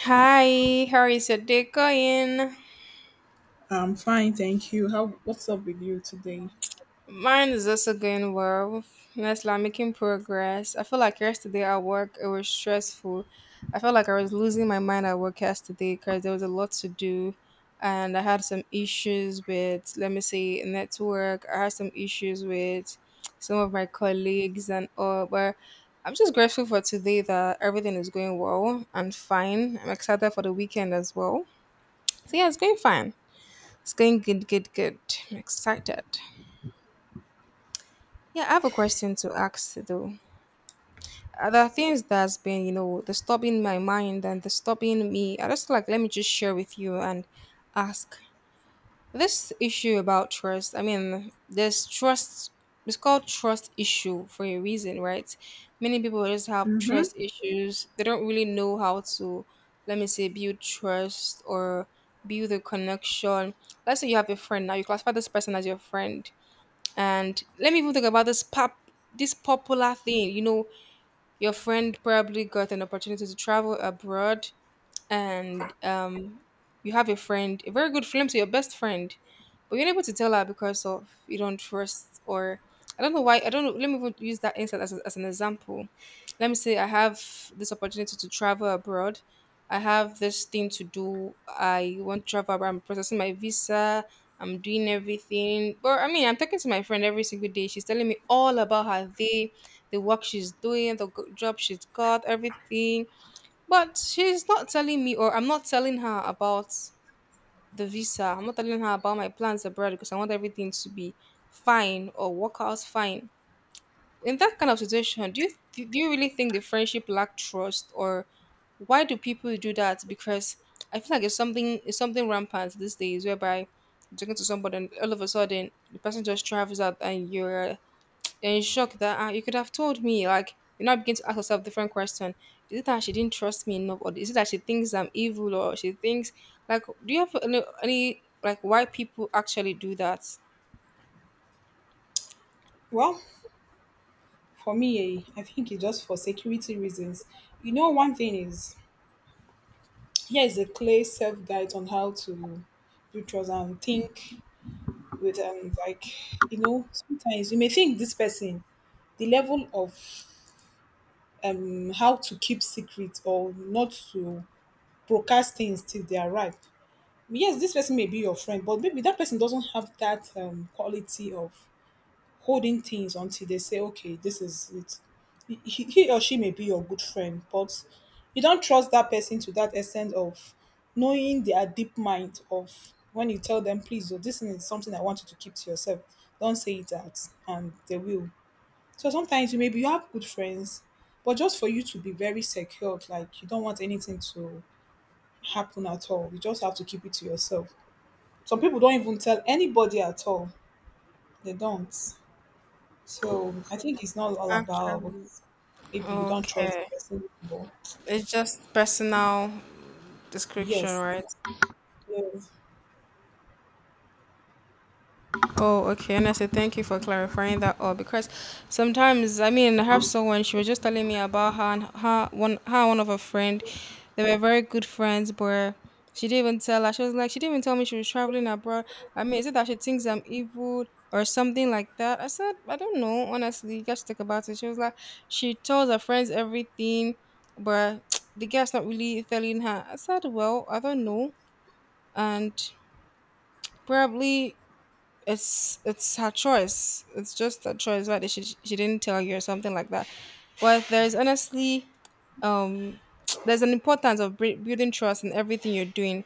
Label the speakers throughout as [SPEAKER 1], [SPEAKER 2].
[SPEAKER 1] Hi, how is your day going?
[SPEAKER 2] I'm fine, thank you. How what's up with you today?
[SPEAKER 1] Mine is also going well. Yes, like making progress. I feel like yesterday at work it was stressful. I felt like I was losing my mind at work yesterday because there was a lot to do, and I had some issues with, let me say, network. I had some issues with some of my colleagues and all, but I'm just grateful for today that everything is going well and fine. I'm excited for the weekend as well. So yeah, it's going fine. It's going good, good, good. I'm excited. Yeah, I have a question to ask though. There are things that's been, disturbing my mind and disturbing me. I just like let me just share with you and ask this issue about trust. I mean, this trust it's called trust issue for a reason, right? Many people just have
[SPEAKER 2] Mm-hmm.
[SPEAKER 1] trust issues. They don't really know how to, let me say, build trust or build a connection. Let's say you have a friend now. You classify this person as your friend. And let me even talk about this popular thing. You know, your friend probably got an opportunity to travel abroad and you have a friend, a very good friend, to your best friend, but you're unable to tell her because of you don't trust or I don't know why. I don't know. Let me even use that instance as, as an example. Let me say I have this opportunity to travel abroad. I have this thing to do. I want to travel abroad. I'm processing my visa. I'm doing everything. But I mean, I'm talking to my friend every single day. She's telling me all about her day, the work she's doing, the job she's got, everything, but she's not telling me, or I'm not telling her about the visa. I'm not telling her about my plans abroad because I want everything to be fine or work out fine. In that kind of situation, do you really think the friendship lack trust, or why do people do that? Because I feel like it's something rampant these days, whereby you're talking to somebody and all of a sudden the person just travels out and you're in shock that ah, you could have told me. Like, you now begin to ask yourself different question. Is it that she didn't trust me enough, or is it that she thinks I'm evil, or she thinks like, do you have any like why people actually do that?
[SPEAKER 2] Well, for me, I think it's just for security reasons. You know, one thing is here is a clear self guide on how to do trust and think with like you know sometimes you may think this person the level of how to keep secrets or not to broadcast things till they are ripe. Yes, this person may be your friend, but maybe that person doesn't have that quality of holding things until they say, okay, this is it. He or she may be your good friend, but you don't trust that person to that extent of knowing their deep mind of when you tell them, please, oh, this is something I want you to keep to yourself. Don't say it out, and they will. So sometimes you maybe you have good friends, but just for you to be very secured, like you don't want anything to happen at all. You just have to keep it to yourself. Some people don't even tell anybody at all. They don't. So I think it's not all about
[SPEAKER 1] Actually,
[SPEAKER 2] maybe you don't trust
[SPEAKER 1] okay,
[SPEAKER 2] the person anymore.
[SPEAKER 1] it's just personal description,
[SPEAKER 2] Yes.
[SPEAKER 1] right?
[SPEAKER 2] Yes.
[SPEAKER 1] Oh, okay. And I said thank you for clarifying that all because sometimes I mean I have someone she was just telling me about her and one of her friend. They were very good friends, but she didn't even tell her. She was like she didn't even tell me she was traveling abroad. I mean, is it that she thinks I'm evil or something like that? I said I don't know. Honestly, you guys should talk about it. She was like she tells her friends everything, but the guy's not really telling her. I said, well, I don't know, and probably it's her choice. It's just her choice. Whether she didn't tell you or something like that. But there is honestly um there's an importance of building trust in everything you're doing,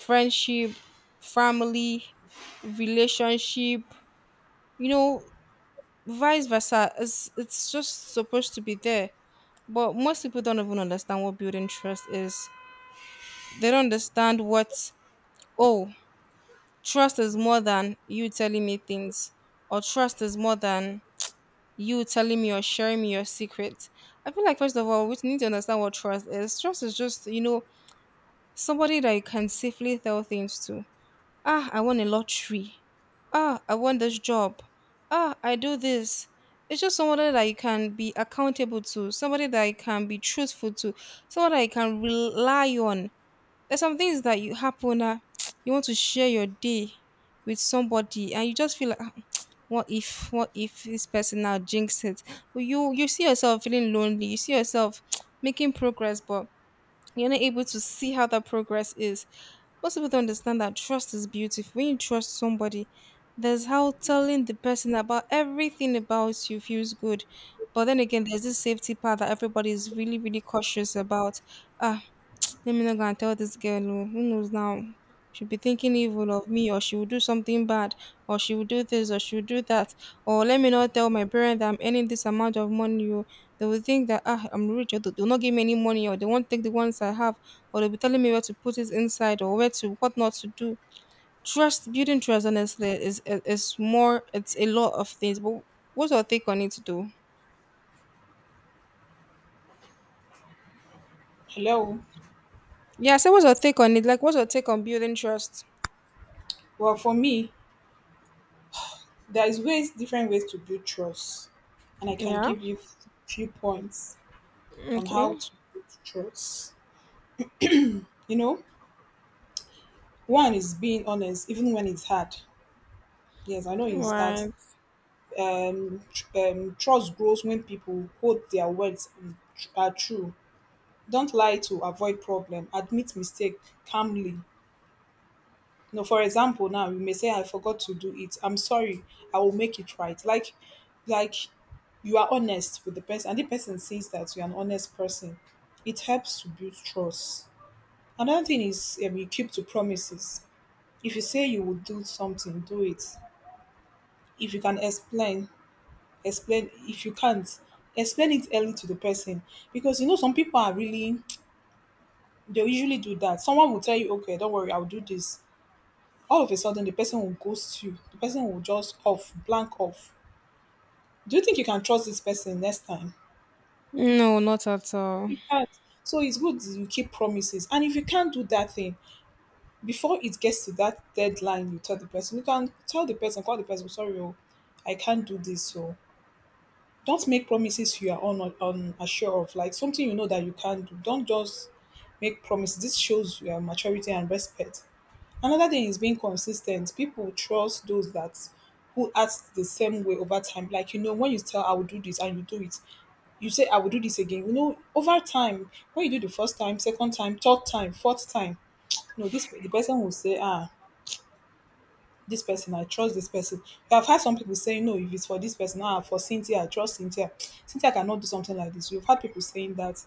[SPEAKER 1] friendship, family, relationship. You know, vice versa. It's just supposed to be there. But most people don't even understand what building trust is. They don't understand what oh trust is more than you telling me things or trust is more than you telling me or sharing me your secret. I feel like first of all, we need to understand what trust is. Trust is just, you know, somebody that you can safely tell things to. Ah, I won a lottery. Ah, I want this job. Ah, I do this. It's just somebody that you can be accountable to, somebody that you can be truthful to, somebody that you can rely on. There's some things that you happen, you want to share your day with somebody, and you just feel like "Ah, what if this person now jinx it? Well, you see yourself feeling lonely. You see yourself making progress, but you're not able to see how that progress is. Most people don't understand that trust is beautiful. When you trust somebody, there's how telling the person about everything about you feels good. But then again, there's this safety part that everybody is really, really cautious about. Ah, let me not go and tell this girl, oh, who knows now? She'll be thinking evil of me, or she will do something bad, or she will do this, or she will do that. Or let me not tell my parents that I'm earning this amount of money. Oh, they will think that ah, I'm rich, or they'll not give me any money, or they won't take the ones I have, or they'll be telling me where to put it inside, or where to what not to do. Trust, building trust, honestly, is more. It's a lot of things. But what's your take on it, though?
[SPEAKER 2] Hello.
[SPEAKER 1] Yeah, so what's your take on it? Like, what's your take on building trust?
[SPEAKER 2] Well, for me, there is ways, different ways to build trust, and I can
[SPEAKER 1] Yeah.
[SPEAKER 2] give you few points on
[SPEAKER 1] Okay.
[SPEAKER 2] how to build trust. You know, one is being honest, even when it's hard. Yes, I know it's that.
[SPEAKER 1] Right.
[SPEAKER 2] Trust grows when people hold their words and are true. Don't lie to avoid problem. Admit mistake calmly. No, for example, now you may say, "I forgot to do it. I'm sorry. I will make it right." Like, you are honest with the person, and the person sees that you're an honest person. It helps to build trust. Another thing is, you keep to promises. If you say you will do something, do it. If you can explain, explain. If you can't, explain it early to the person because you know some people are really they'll usually do that. Someone will tell you, "Okay, don't worry, I'll do this." All of a sudden the person will ghost you. The person will just off, blank off. Do you think you can trust this person next time?
[SPEAKER 1] No, not at all.
[SPEAKER 2] You can't. So it's good that you keep promises. And if you can't do that thing before it gets to that deadline, you tell the person. You can tell the person, call the person, sorry, oh, I can't do this. So don't make promises you are unsure of, like something you know that you can't do. Don't just make promises. This shows your maturity and respect. Another thing is being consistent. People trust those that who act the same way over time. Like you know, when you tell I will do this and you do it, you say I will do this again. You know, over time, when you do the first time, second time, third time, fourth time, no, this the person will say, ah, this person, I trust this person. I've had some people saying, no, if it's for this person, ah, for Cynthia, I trust Cynthia. Cynthia cannot do something like this. We've had people saying that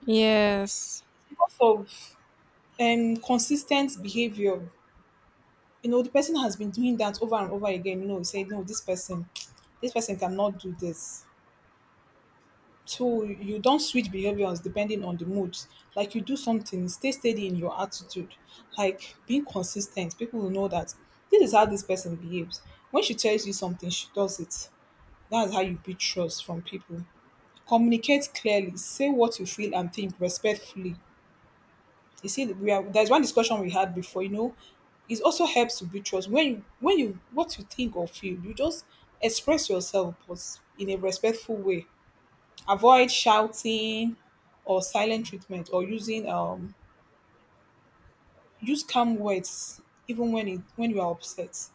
[SPEAKER 1] Yes.
[SPEAKER 2] because of consistent behavior. You know the person has been doing that over and over again. You know you say no, this person cannot do this. So you don't switch behaviors depending on the mood. Like you do something, stay steady in your attitude. Like being consistent, people will know that this is how this person behaves. When she tells you something, she does it. That's how you build trust from people. Communicate clearly, say what you feel and think respectfully. You see, we are there's one discussion we had before. You know, it also helps to build trust when you what you think or feel, you just express yourself but in a respectful way. Avoid shouting or silent treatment or using use calm words even when you are upset.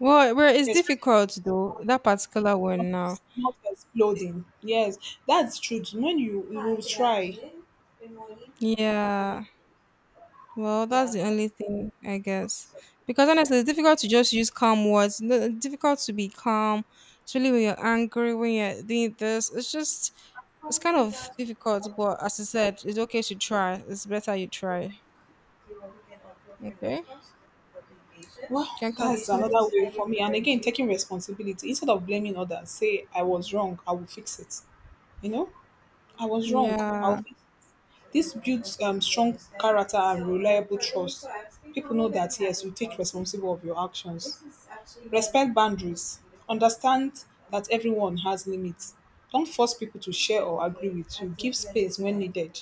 [SPEAKER 1] Well, well, it's
[SPEAKER 2] Yes,
[SPEAKER 1] difficult though, that particular
[SPEAKER 2] not,
[SPEAKER 1] one now.
[SPEAKER 2] not exploding, yes, that's true. When you will try.
[SPEAKER 1] Yeah. Well, that's the only thing, I guess. Because honestly, it's difficult to just use calm words. No, it's difficult to be calm, especially when you're angry, when you're doing this. It's just, it's kind of difficult, but as I said, it's okay to try. It's better you try. Okay?
[SPEAKER 2] Well,
[SPEAKER 1] Can
[SPEAKER 2] that's
[SPEAKER 1] continue.
[SPEAKER 2] another way for me. And until again, taking responsibility instead of blaming others, say I was wrong, I will fix it. You know, I was wrong, I'll
[SPEAKER 1] Yeah,
[SPEAKER 2] fix. This builds strong character and reliable trust. People know that yes, you take responsible of your actions. Respect boundaries. Understand that everyone has limits. Don't force people to share or agree with you. Give space when needed.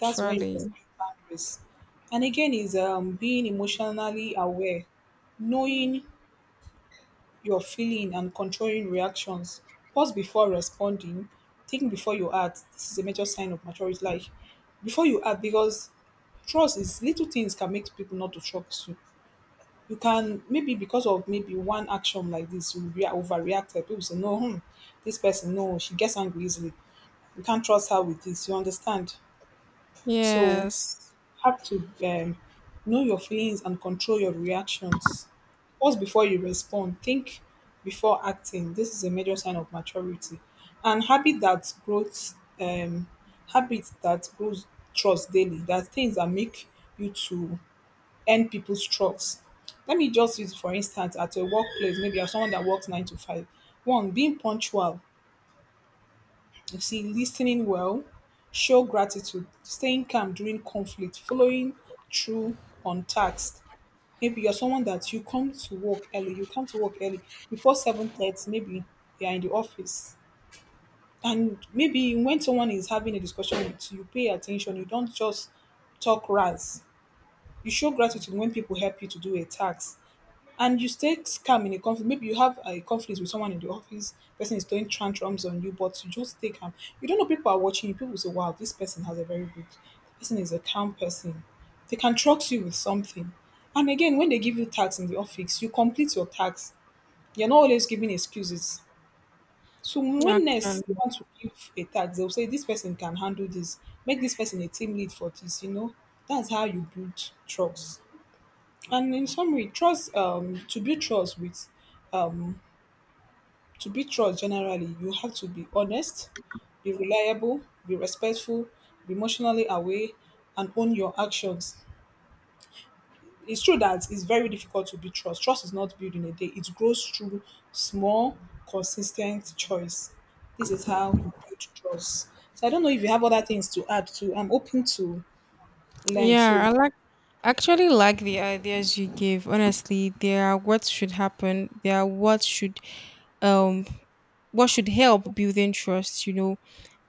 [SPEAKER 2] That's when you respect boundaries. And again, is being emotionally aware, knowing your feeling and controlling reactions. Pause before responding. Think before you act. This is a major sign of maturity. Like before you act, because trust is little things can make people not to trust you. You can maybe because of maybe one action like this, you overreacted. People say, no, hmm, this person, no, she gets angry easily. You can't trust her with this. You understand? So
[SPEAKER 1] Yes.
[SPEAKER 2] have to know your feelings and control your reactions. Pause before you respond. Think before acting. This is a major sign of maturity. And habit that grows, habit that grows trust daily. That things that make you to earn people's trust. Let me just use for instance at a workplace, maybe as someone that works 9 to 5. One, being punctual. You see, listening well, show gratitude, staying calm during conflict, following through on tasks. Maybe you're someone that you come to work early before 7:30, maybe you're in the office. And maybe when someone is having a discussion with you, you pay attention, you don't just talk rants. You show gratitude when people help you to do a task, and you stay calm in a conflict. Maybe you have a conflict with someone in the office, person is throwing tantrums on you, but you just stay calm. You don't know people are watching you. People say, wow, this person has a very good, the person is a calm person. They can trust you with something. And again, when they give you tasks in the office, you complete your tasks. You're not always giving excuses. So when next they
[SPEAKER 1] Actually.
[SPEAKER 2] want to give a task, they'll say this person can handle this. Make this person a team lead for this, you know. That's how you build trust. And in summary, trust to build trust with to build trust generally, you have to be honest, be reliable, be respectful, be emotionally aware, and own your actions. It's true that it's very difficult to build trust. Trust is not built in a day, it grows through small, consistent choice. This is how you build trust. So I don't know if you have other things to add to. I'm open to learn
[SPEAKER 1] Yeah,
[SPEAKER 2] too.
[SPEAKER 1] I like I actually like the ideas you gave. Honestly, they are what should happen. They are um what should help building trust, you know,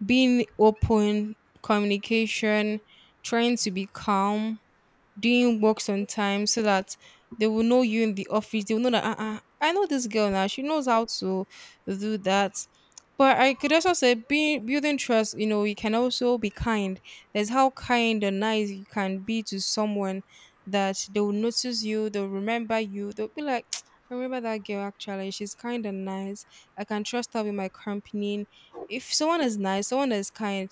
[SPEAKER 1] being open, communication, trying to be calm, doing works on time so that they will know you in the office. They will know that uh-uh, I know this girl now. She knows how to do that. But I could also say being building trust, you know, you can also be kind. There's how kind and nice you can be to someone that they will notice you, they'll remember you, they'll be like, I remember that girl actually, she's kind and nice. I can trust her with my company. If someone is nice, someone is kind,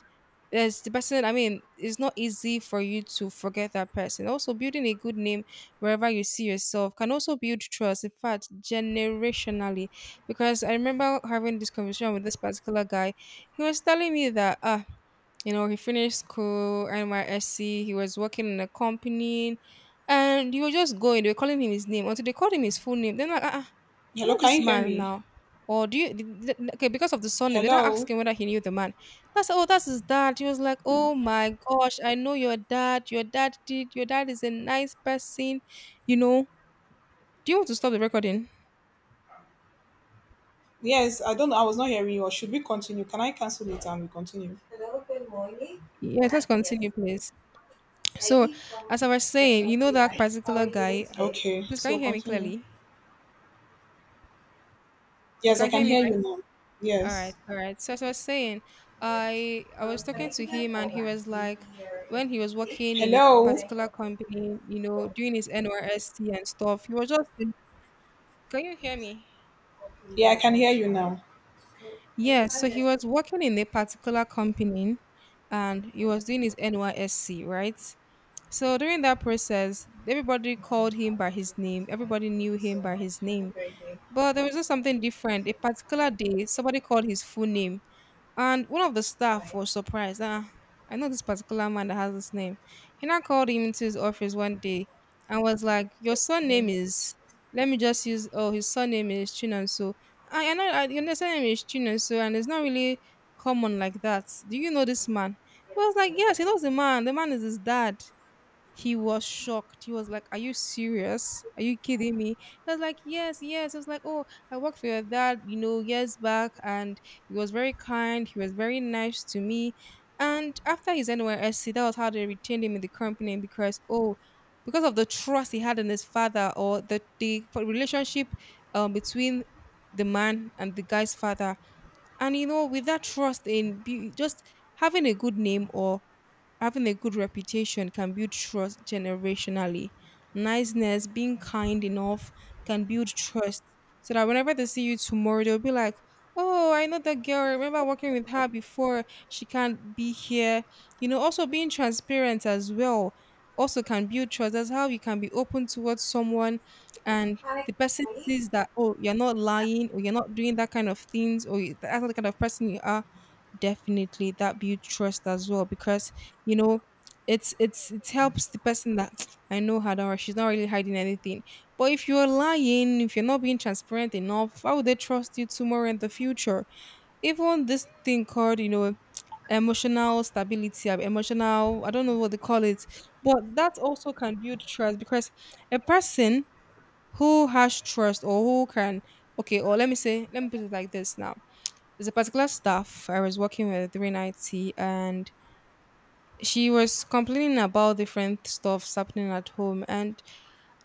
[SPEAKER 1] there's the person I mean it's not easy for you to forget that person also building a good name wherever you see yourself can also build trust in fact generationally because I remember having this conversation with this particular guy he was telling me that ah. You know, he finished school, NYSC, he was working in a company, and he was just going. They were calling him his name until they called him his full name. Then, like, ah, ah, I
[SPEAKER 2] Hello,
[SPEAKER 1] know
[SPEAKER 2] can
[SPEAKER 1] this
[SPEAKER 2] you hear
[SPEAKER 1] man
[SPEAKER 2] me?
[SPEAKER 1] now. Or do you, okay, because of the surname, they didn't
[SPEAKER 2] Hello?
[SPEAKER 1] ask him whether he knew the man. That's, oh, that's his dad. He was like, oh my gosh, I know your dad. Your dad did, your dad is a nice person. You know, do you want to stop the recording?
[SPEAKER 2] Yes, I don't know. I was not hearing you. Or should we continue? Can I cancel it and we continue?
[SPEAKER 1] Yes, let's continue, please. So, as I was saying, you know that particular guy.
[SPEAKER 2] Okay,
[SPEAKER 1] Please, can
[SPEAKER 2] so
[SPEAKER 1] you hear me
[SPEAKER 2] continue.
[SPEAKER 1] clearly? You
[SPEAKER 2] Yes, I
[SPEAKER 1] can
[SPEAKER 2] can
[SPEAKER 1] hear me,
[SPEAKER 2] hear you
[SPEAKER 1] right?
[SPEAKER 2] now.
[SPEAKER 1] All right,
[SPEAKER 2] Yes.
[SPEAKER 1] all right. So as I was saying, I was talking to him and he was like, when he was working in a
[SPEAKER 2] Hello.
[SPEAKER 1] particular company, you know, doing his NYSC and stuff, he was just. Can you hear me?
[SPEAKER 2] Yeah, I can hear you now.
[SPEAKER 1] Yes. So he was working in a particular company, and he was doing his NYSC, right? So during that process, everybody called him by his name. Everybody knew him by his name. But there was just something different. A particular day, somebody called his full name. And one of the staff was surprised. Ah, I know this particular man that has this name. He now called him into his office one day and was like, your surname is, let me just use, oh, his surname is Chinonso. Your surname is Chinanso, and it's not really common like that. Do you know this man? He was like, yes, he knows the man. The man is his dad. He was shocked. He was like, are you serious? Are you kidding me? I was like, yes, yes. I was like, oh, I worked for your dad, you know, years back, and he was very kind. He was very nice to me. And after his NYSC, that was how they retained him in the company because, oh, because of the trust he had in his father or the relationship between the man and the guy's father. And, you know, with that trust in just having a good name or having a good reputation can build trust generationally. Niceness, being kind enough can build trust. So that whenever they see you tomorrow, they'll be like, oh, I know that girl. I remember working with her before. She can't be here. You know, also being transparent as well also can build trust. That's how you can be open towards someone and the person sees that, oh, you're not lying or you're not doing that kind of things that's not the kind of person you are, definitely that build trust as well because you know it helps the person that, I know her, don't worry, she's not really hiding anything. But if you're lying, if you're not being transparent enough, how would they trust you tomorrow in the future? Even this thing called, you know, emotional stability, emotional, I don't know what they call it, but that also can build trust because a person who has trust or who can, okay, or let me say, let me put it like this now, there's a particular staff I was working with during IT, and she was complaining about different stuff happening at home. And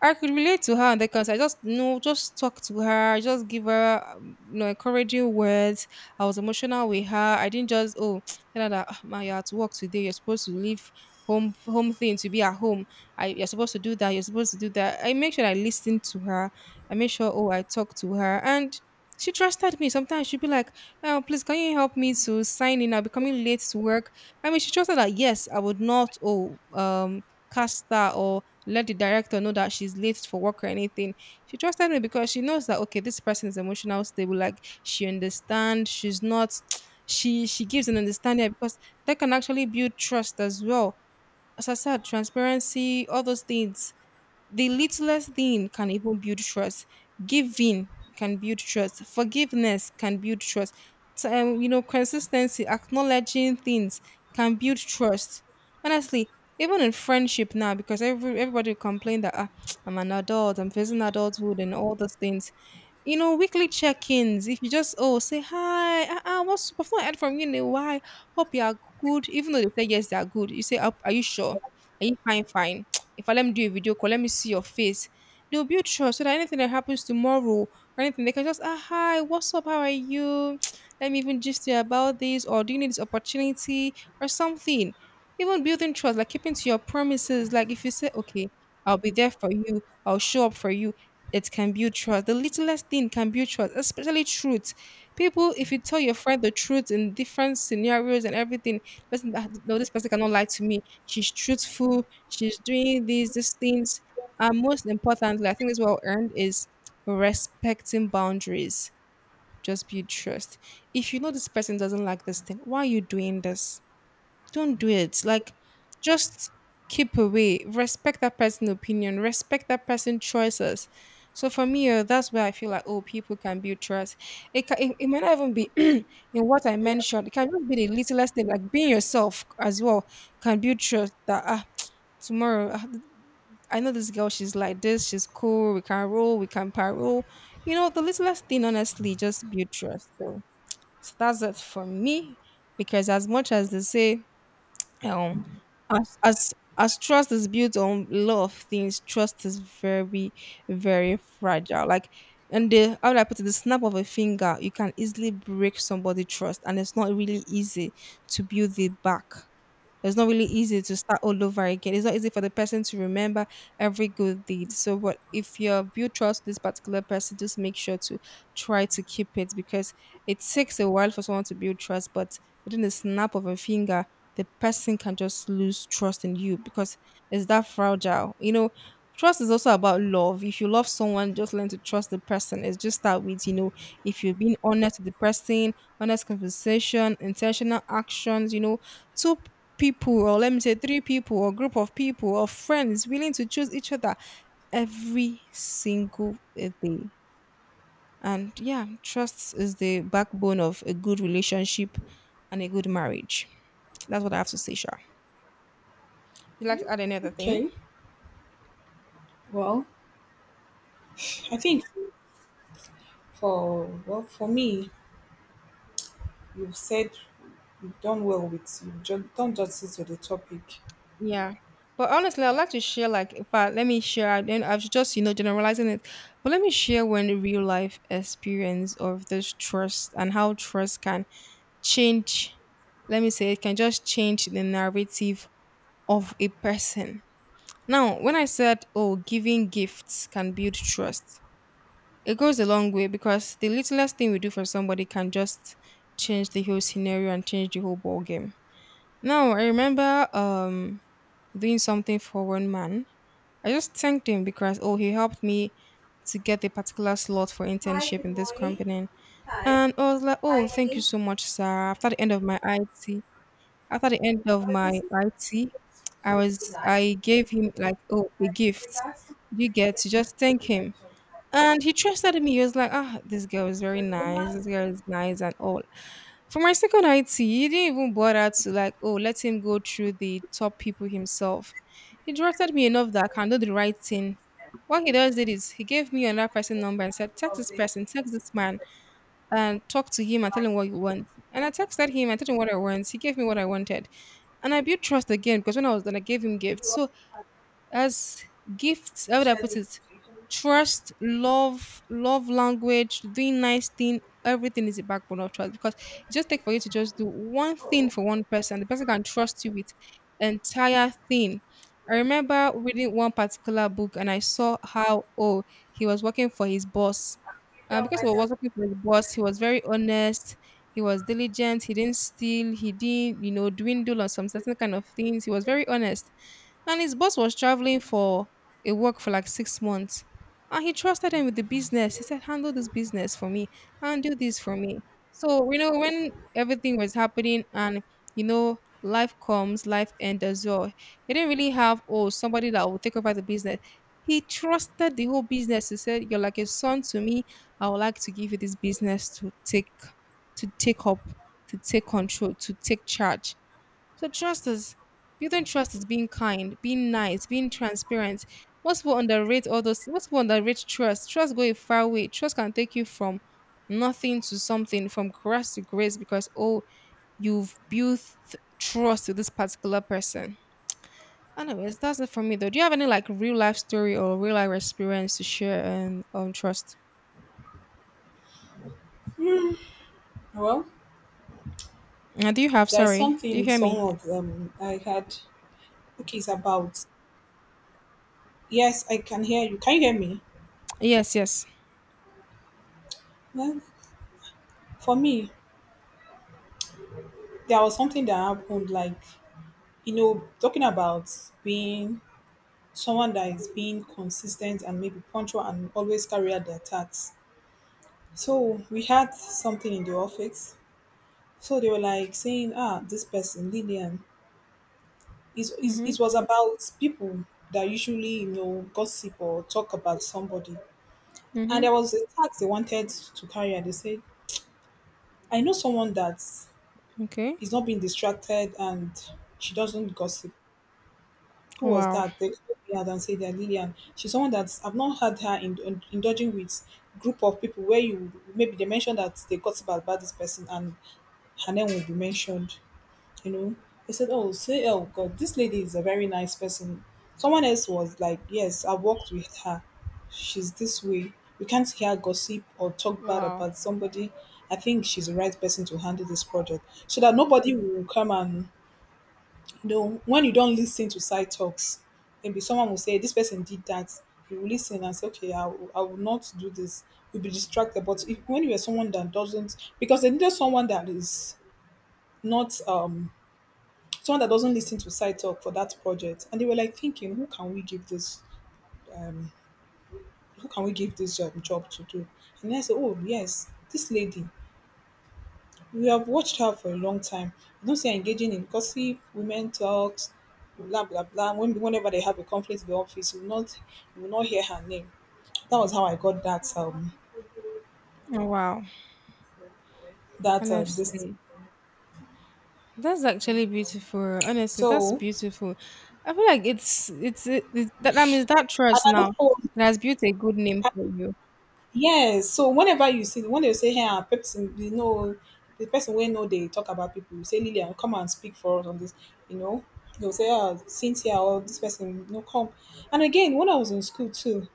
[SPEAKER 1] I could relate to her on that because I just, just talk to her, just give her, encouraging words. I was emotional with her. I didn't just tell her that, "Ah, ma, you're at work today. You're supposed to leave home thing to be at home. I you're supposed to do that. You're supposed to do that." I make sure I listen to her. I make sure, I talk to her and. She trusted me. Sometimes she'd be like, "Oh, please, can you help me to sign in? I'll be coming late to work." I mean, she trusted that, yes, I would not cast her or let the director know that she's late for work or anything. She trusted me because she knows that, okay, this person is emotional stable. Like, she understands. She's not. She gives an understanding because that can actually build trust as well. As I said, transparency, all those things. The littlest thing can even build trust. Giving can build trust. Forgiveness can build trust. Consistency, acknowledging things can build trust. Honestly, even in friendship now, because everybody will complain that, I'm an adult, I'm facing adulthood, and all those things, you know, weekly check-ins. If you just say, hi, what's up? I've not heard from you in a while. Hope you are good. Even though they say yes, they are good. You say, Are you sure? Are you fine? Fine. If I Let me do a video call, let me see your face." They'll build trust so that anything that happens tomorrow or anything, they can just, hi, what's up? How are you? Let me even just you about this, or do you need this opportunity or something? Even building trust, like keeping to your promises. Like, if you say, okay, I'll be there for you, I'll show up for you, it can build trust. The littlest thing can build trust, especially truth. People, if you tell your friend the truth in different scenarios and everything, listen, no, this person cannot lie to me. She's truthful. She's doing these things. And most importantly, I think this is well earned is respecting boundaries. Just build trust. If you know this person doesn't like this thing, why are you doing this? Don't do it. Like, just keep away. Respect that person's opinion. Respect that person's choices. So for me, that's where I feel like, people can build trust. It might not even be in what I mentioned. It can just be the littlest thing, like being yourself as well, can build trust. That, tomorrow, I know this girl, she's like this, she's cool, we can roll, we can parole. You know, the littlest thing, honestly, just build trust, though. So that's it for me, because as much as they say, um, as trust is built on a lot of things, trust is very, very fragile. Like, and the, how do I put it? The snap of a finger, you can easily break somebody's trust, and it's not really easy to build it back. It's not really easy to start all over again. It's not easy for the person to remember every good deed. So, what if you build trust with this particular person, just make sure to try to keep it, because it takes a while for someone to build trust, but within the snap of a finger, the person can just lose trust in you because it's that fragile. You know, trust is also about love. If you love someone, just learn to trust the person. It's just start with, if you've been honest with the person, honest conversation, intentional actions, two people or let me say three people or group of people or friends willing to choose each other every single day. And yeah, trust is the backbone of a good relationship and a good marriage. That's what I have to say. Sure, you like to add another thing?
[SPEAKER 2] Okay. Well, I think for well for me, you've said you've done well with you. Don't just sit to the topic.
[SPEAKER 1] Yeah, but honestly, I'd like to share, like, if I, let me share. I've just, generalizing it, but let me share one real life experience of this trust, and how trust can change, let me say, it can just change the narrative of a person. Now, when I said, oh, giving gifts can build trust, it goes a long way because the littlest thing we do for somebody can just change the whole scenario and change the whole ball game. Now, I remember, doing something for one man. I just thanked him because, oh, he helped me to get a particular slot for internship in this company. And I was like, oh, thank you so much, sir. After the end of my IT, after the end of my IT, I gave him like a gift. You get to just thank him. And he trusted me. He was like, ah, this girl is very nice. This girl is nice and all. For my second IT, he didn't even bother to, like, oh, let him go through the top people himself. He trusted me enough that I can do the right thing. What he does did is he gave me another person number and said, text this person, text this man and talk to him and tell him what you want. And I texted him, I told him what I want. He gave me what I wanted. And I built trust again because when I was done, I gave him gifts. So as gifts, how would I put it, trust, love, love language, doing nice thing, everything is a backbone of trust because it just take for you to just do one thing for one person, the person can trust you with entire thing. I remember reading one particular book and I saw how, he was working for his boss, because he was working for his boss, he was very honest. He was diligent, he didn't steal, he didn't, dwindle on some certain kind of things, he was very honest. And his boss was traveling for a work for like 6 months. And he trusted him with the business. He said, handle this business for me, handle this for me. So, when everything was happening and, life comes, life ends as well, he didn't really have, oh, somebody that will take over the business. He trusted the whole business. He said, you're like a son to me. I would like to give you this business to take up, to take control, to take charge. So trust is, building trust is being kind, being nice, being transparent. Most people underrate all those. Most people underrate trust. Trust go a far way. Trust can take you from nothing to something, from grass to grace, because, oh, you've built trust with this particular person. Anyways, that's it for me though. Do you have any, like, real life story or real life experience to share and on trust?
[SPEAKER 2] Well,
[SPEAKER 1] Do you have?
[SPEAKER 2] there is
[SPEAKER 1] Sorry, do you
[SPEAKER 2] something
[SPEAKER 1] hear
[SPEAKER 2] some
[SPEAKER 1] me?
[SPEAKER 2] of them I had. Okay, it's about. Yes, I can hear you. Can you hear me?
[SPEAKER 1] Yes, yes.
[SPEAKER 2] Well, for me, there was something that happened like you know, talking about being someone that is being consistent and maybe punctual and always carry out their tasks. So we had something in the office. So they were like saying, ah, this person, Lillian, is
[SPEAKER 1] Mhm.
[SPEAKER 2] it was about people that usually, you know, gossip or talk about somebody. And
[SPEAKER 1] Mhm.
[SPEAKER 2] there was a task they wanted to carry out. They said, I know someone that
[SPEAKER 1] Okay.
[SPEAKER 2] is not being distracted and she doesn't gossip. Who was
[SPEAKER 1] Wow.
[SPEAKER 2] that? They stood there and said that Lillian. She's someone that I've not had her indulging with group of people where you maybe they mentioned that they gossip about this person and her name will be mentioned. You know, they said, "Oh, say, oh God, this lady is a very nice person." Someone else was like, "Yes, I worked with her. She's this way. You can't hear gossip or talk bad
[SPEAKER 1] Wow.
[SPEAKER 2] about somebody. I think she's the right person to handle this project, so that nobody will come and then when you don't listen to side talks, maybe someone will say this person did that. You will listen and say, okay, I will not do this. You'll be distracted. But if, when you are someone that doesn't, because they needed someone that is not, someone that doesn't listen to side talk for that project, and they were like thinking, who can we give this job to do? And then I said, oh yes, this lady. We have watched her for a long time. You don't see her engaging in gossip, women talks, blah blah blah. Whenever they have a conflict in the office, you will not hear her name. That was how I got that
[SPEAKER 1] Oh, wow.
[SPEAKER 2] that this.
[SPEAKER 1] Honestly. That's actually beautiful. Honestly, that's
[SPEAKER 2] So and
[SPEAKER 1] beautiful. I feel like it's it, it- that that means that
[SPEAKER 2] I
[SPEAKER 1] church
[SPEAKER 2] don't
[SPEAKER 1] now
[SPEAKER 2] know.
[SPEAKER 1] that has built a good name for
[SPEAKER 2] I-
[SPEAKER 1] you.
[SPEAKER 2] Yes. So whenever you see when they say hey, ah, person, you know the person we know they talk about people. You say Lillian, come and speak for us on this. You know they'll say ah, Cynthia or this person, you know come. And again, when I was in school too,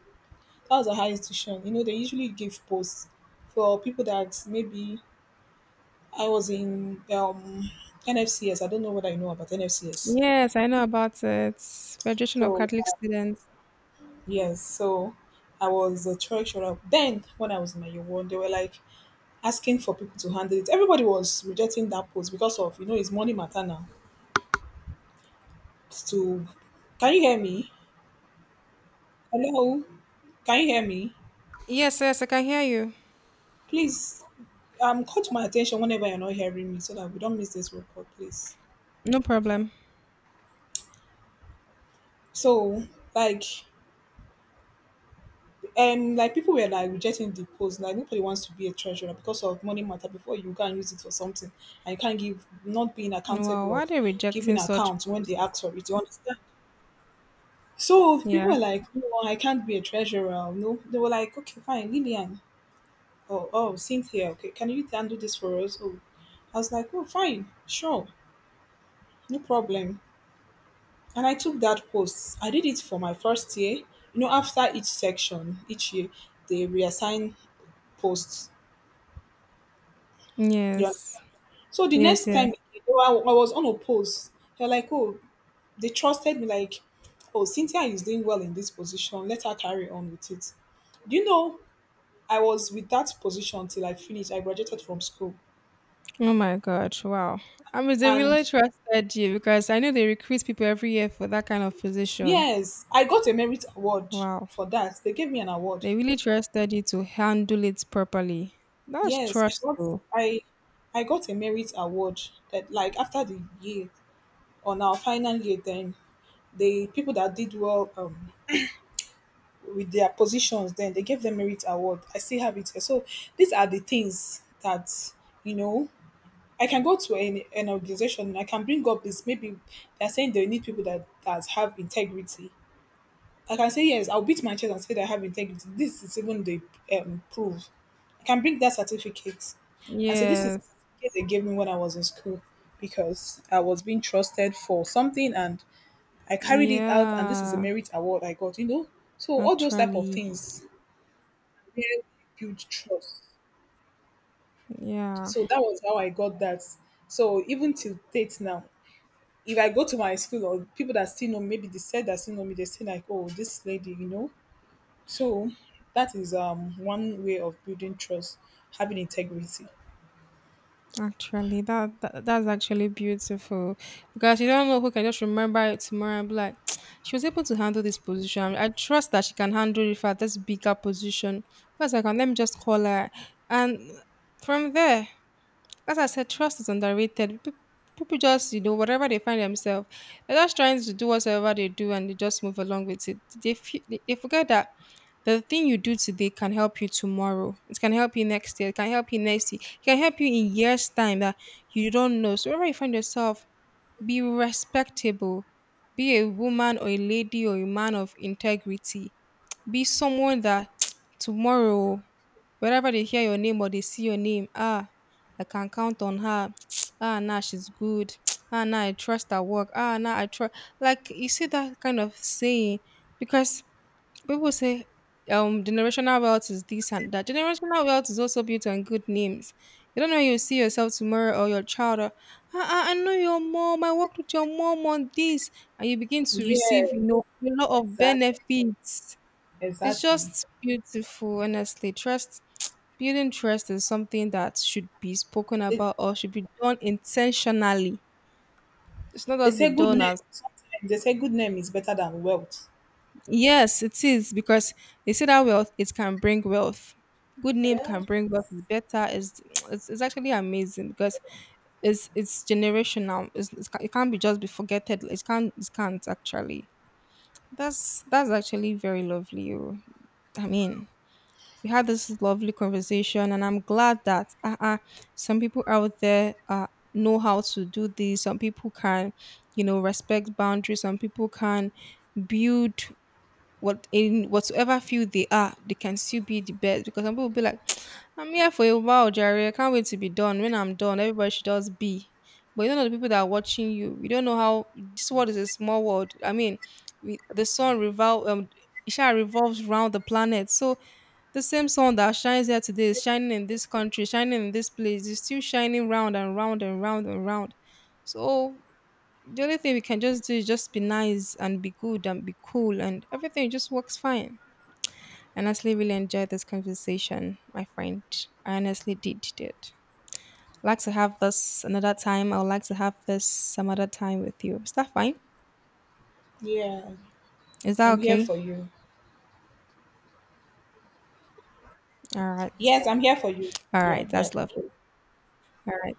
[SPEAKER 2] how's a higher institution? You know, they usually give posts for people that maybe I was in NFCS. I don't know whether you know about NFCS.
[SPEAKER 1] Yes, I know about it. Federation of
[SPEAKER 2] So
[SPEAKER 1] Catholic Students.
[SPEAKER 2] yes, so I was a treasurer. Then when I was in my year one, they were like asking for people to handle it. Everybody was rejecting that post because of you know it's money matter now. To can you hear me? Hello, can you hear me?
[SPEAKER 1] Yes, yes, I can hear you.
[SPEAKER 2] Please call to my attention whenever you're not hearing me so that we don't miss this record, please.
[SPEAKER 1] No problem.
[SPEAKER 2] So like and like people were like rejecting the post, like nobody wants to be a treasurer because of money matter, before you go and use it for something and you can't give, not being
[SPEAKER 1] Wow,
[SPEAKER 2] accountable
[SPEAKER 1] why are
[SPEAKER 2] of
[SPEAKER 1] they
[SPEAKER 2] giving
[SPEAKER 1] rejecting such
[SPEAKER 2] accounts when they
[SPEAKER 1] posts?
[SPEAKER 2] ask for it, you understand. So people
[SPEAKER 1] Yeah.
[SPEAKER 2] were like, no, I can't be a treasurer, no. They were like, okay, fine, Lillian, oh oh Cynthia, okay, can you handle this for us? Oh, I was like, oh, fine, sure, no problem. And I took that post. I did it for my first year. You know, after each section, each year, they reassign posts. Yeah.
[SPEAKER 1] Yes.
[SPEAKER 2] So the
[SPEAKER 1] Yes,
[SPEAKER 2] next time,
[SPEAKER 1] yes.
[SPEAKER 2] you know, I was on a post, they're like, oh, they trusted me, like, oh, Cynthia is doing well in this position. Let her carry on with it. Do you know I was with that position till I finished? I graduated from school.
[SPEAKER 1] Oh my gosh, wow. I mean, they
[SPEAKER 2] And
[SPEAKER 1] really trusted you because I know they recruit people every year for that kind of position.
[SPEAKER 2] yes, I got a merit award
[SPEAKER 1] Wow.
[SPEAKER 2] for that. They gave me an award.
[SPEAKER 1] They really trusted you to handle it properly. That's
[SPEAKER 2] Yes,
[SPEAKER 1] trust, though.
[SPEAKER 2] I I got a merit award that, like, after the year, on our final year, then the people that did well with their positions, then they gave them merit award. I still have it here. So these are the things that, you know, I can go to an organization and I can bring up this, maybe they're saying they need people that have integrity. Like I can say yes, I'll beat my chest and say that I have integrity. This is even the proof. I can bring that certificate and say this is the
[SPEAKER 1] Yes.
[SPEAKER 2] certificate they gave me when I was in school, because I was being trusted for something and I carried it out, and this is a
[SPEAKER 1] Yeah.
[SPEAKER 2] merit award I got, you know. So all those type of
[SPEAKER 1] Actually.
[SPEAKER 2] things really build trust.
[SPEAKER 1] Yeah.
[SPEAKER 2] So that was how I got that. So even till date now, if I go to my school or people that still know, maybe they said that still know me, they say like, "Oh, this lady," you know. So that is one way of building trust, having integrity.
[SPEAKER 1] Actually, that's actually beautiful because you don't know who can just remember it tomorrow and be like, she was able to handle this position. I trust that she can handle it for this bigger position. Because I can, let me just call her, and from there, as I said, trust is underrated. People just, whatever they find themselves, they're just trying to do whatever they do and they just move along with it. They forget that the thing you do today can help you tomorrow. It can help you next year. It can help you next year. It can help you in years' time that you don't know. So, wherever you find yourself, be respectable. Be a woman or a lady or a man of integrity, be someone that, tomorrow, wherever they hear your name or they see your name, ah, I can count on her. Ah, now she's good. Ah, now I trust her work. Ah, now I trust. Like, you see that kind of saying, because people say, generational wealth is this and that. Generational wealth is also built on good names. You don't know, you see yourself tomorrow or your child. Or, ah, ah, I know your mom. I worked with your mom on this, and you begin to
[SPEAKER 2] Yeah,
[SPEAKER 1] receive, a lot of
[SPEAKER 2] exactly,
[SPEAKER 1] benefits. It's
[SPEAKER 2] exactly.
[SPEAKER 1] just beautiful, honestly. Trust, building trust is something that should be spoken
[SPEAKER 2] They,
[SPEAKER 1] about or should be done intentionally. It's not
[SPEAKER 2] they
[SPEAKER 1] just be
[SPEAKER 2] say good
[SPEAKER 1] done
[SPEAKER 2] name.
[SPEAKER 1] as,
[SPEAKER 2] Sometimes they say good name is better than wealth.
[SPEAKER 1] yes, it is, because they say that wealth, it can bring wealth. Good name can bring wealth. It's better. It's actually amazing because it's generational. It can't be just be forgetted. It can't, actually. That's actually very lovely. Oh. I mean, we had this lovely conversation and I'm glad that some people out there know how to do this. Some people can, you know, respect boundaries. Some people can build, what, in whatsoever field they are, they can still be the best, because some people will be like, I'm here for a while, Jerry, I can't wait to be done. When I'm done, everybody should just be. But you don't know the people that are watching you. You don't know how, this world is a small world. I mean, we, the sun revolve, it shall revolves round the planet. So the same sun that shines here today is shining in this country, shining in this place, is still shining round and round and round and round. So the only thing we can just do is just be nice and be good and be cool and everything just works fine. I honestly really enjoyed this conversation, my friend. I honestly did. Like to have this another time. I would like to have this some other time with you. Is that fine?
[SPEAKER 2] Yeah,
[SPEAKER 1] Is that
[SPEAKER 2] I'm here
[SPEAKER 1] okay?
[SPEAKER 2] for you.
[SPEAKER 1] All right.
[SPEAKER 2] Yes, I'm here for you.
[SPEAKER 1] All
[SPEAKER 2] Yeah,
[SPEAKER 1] right.
[SPEAKER 2] yeah.
[SPEAKER 1] That's lovely. All right.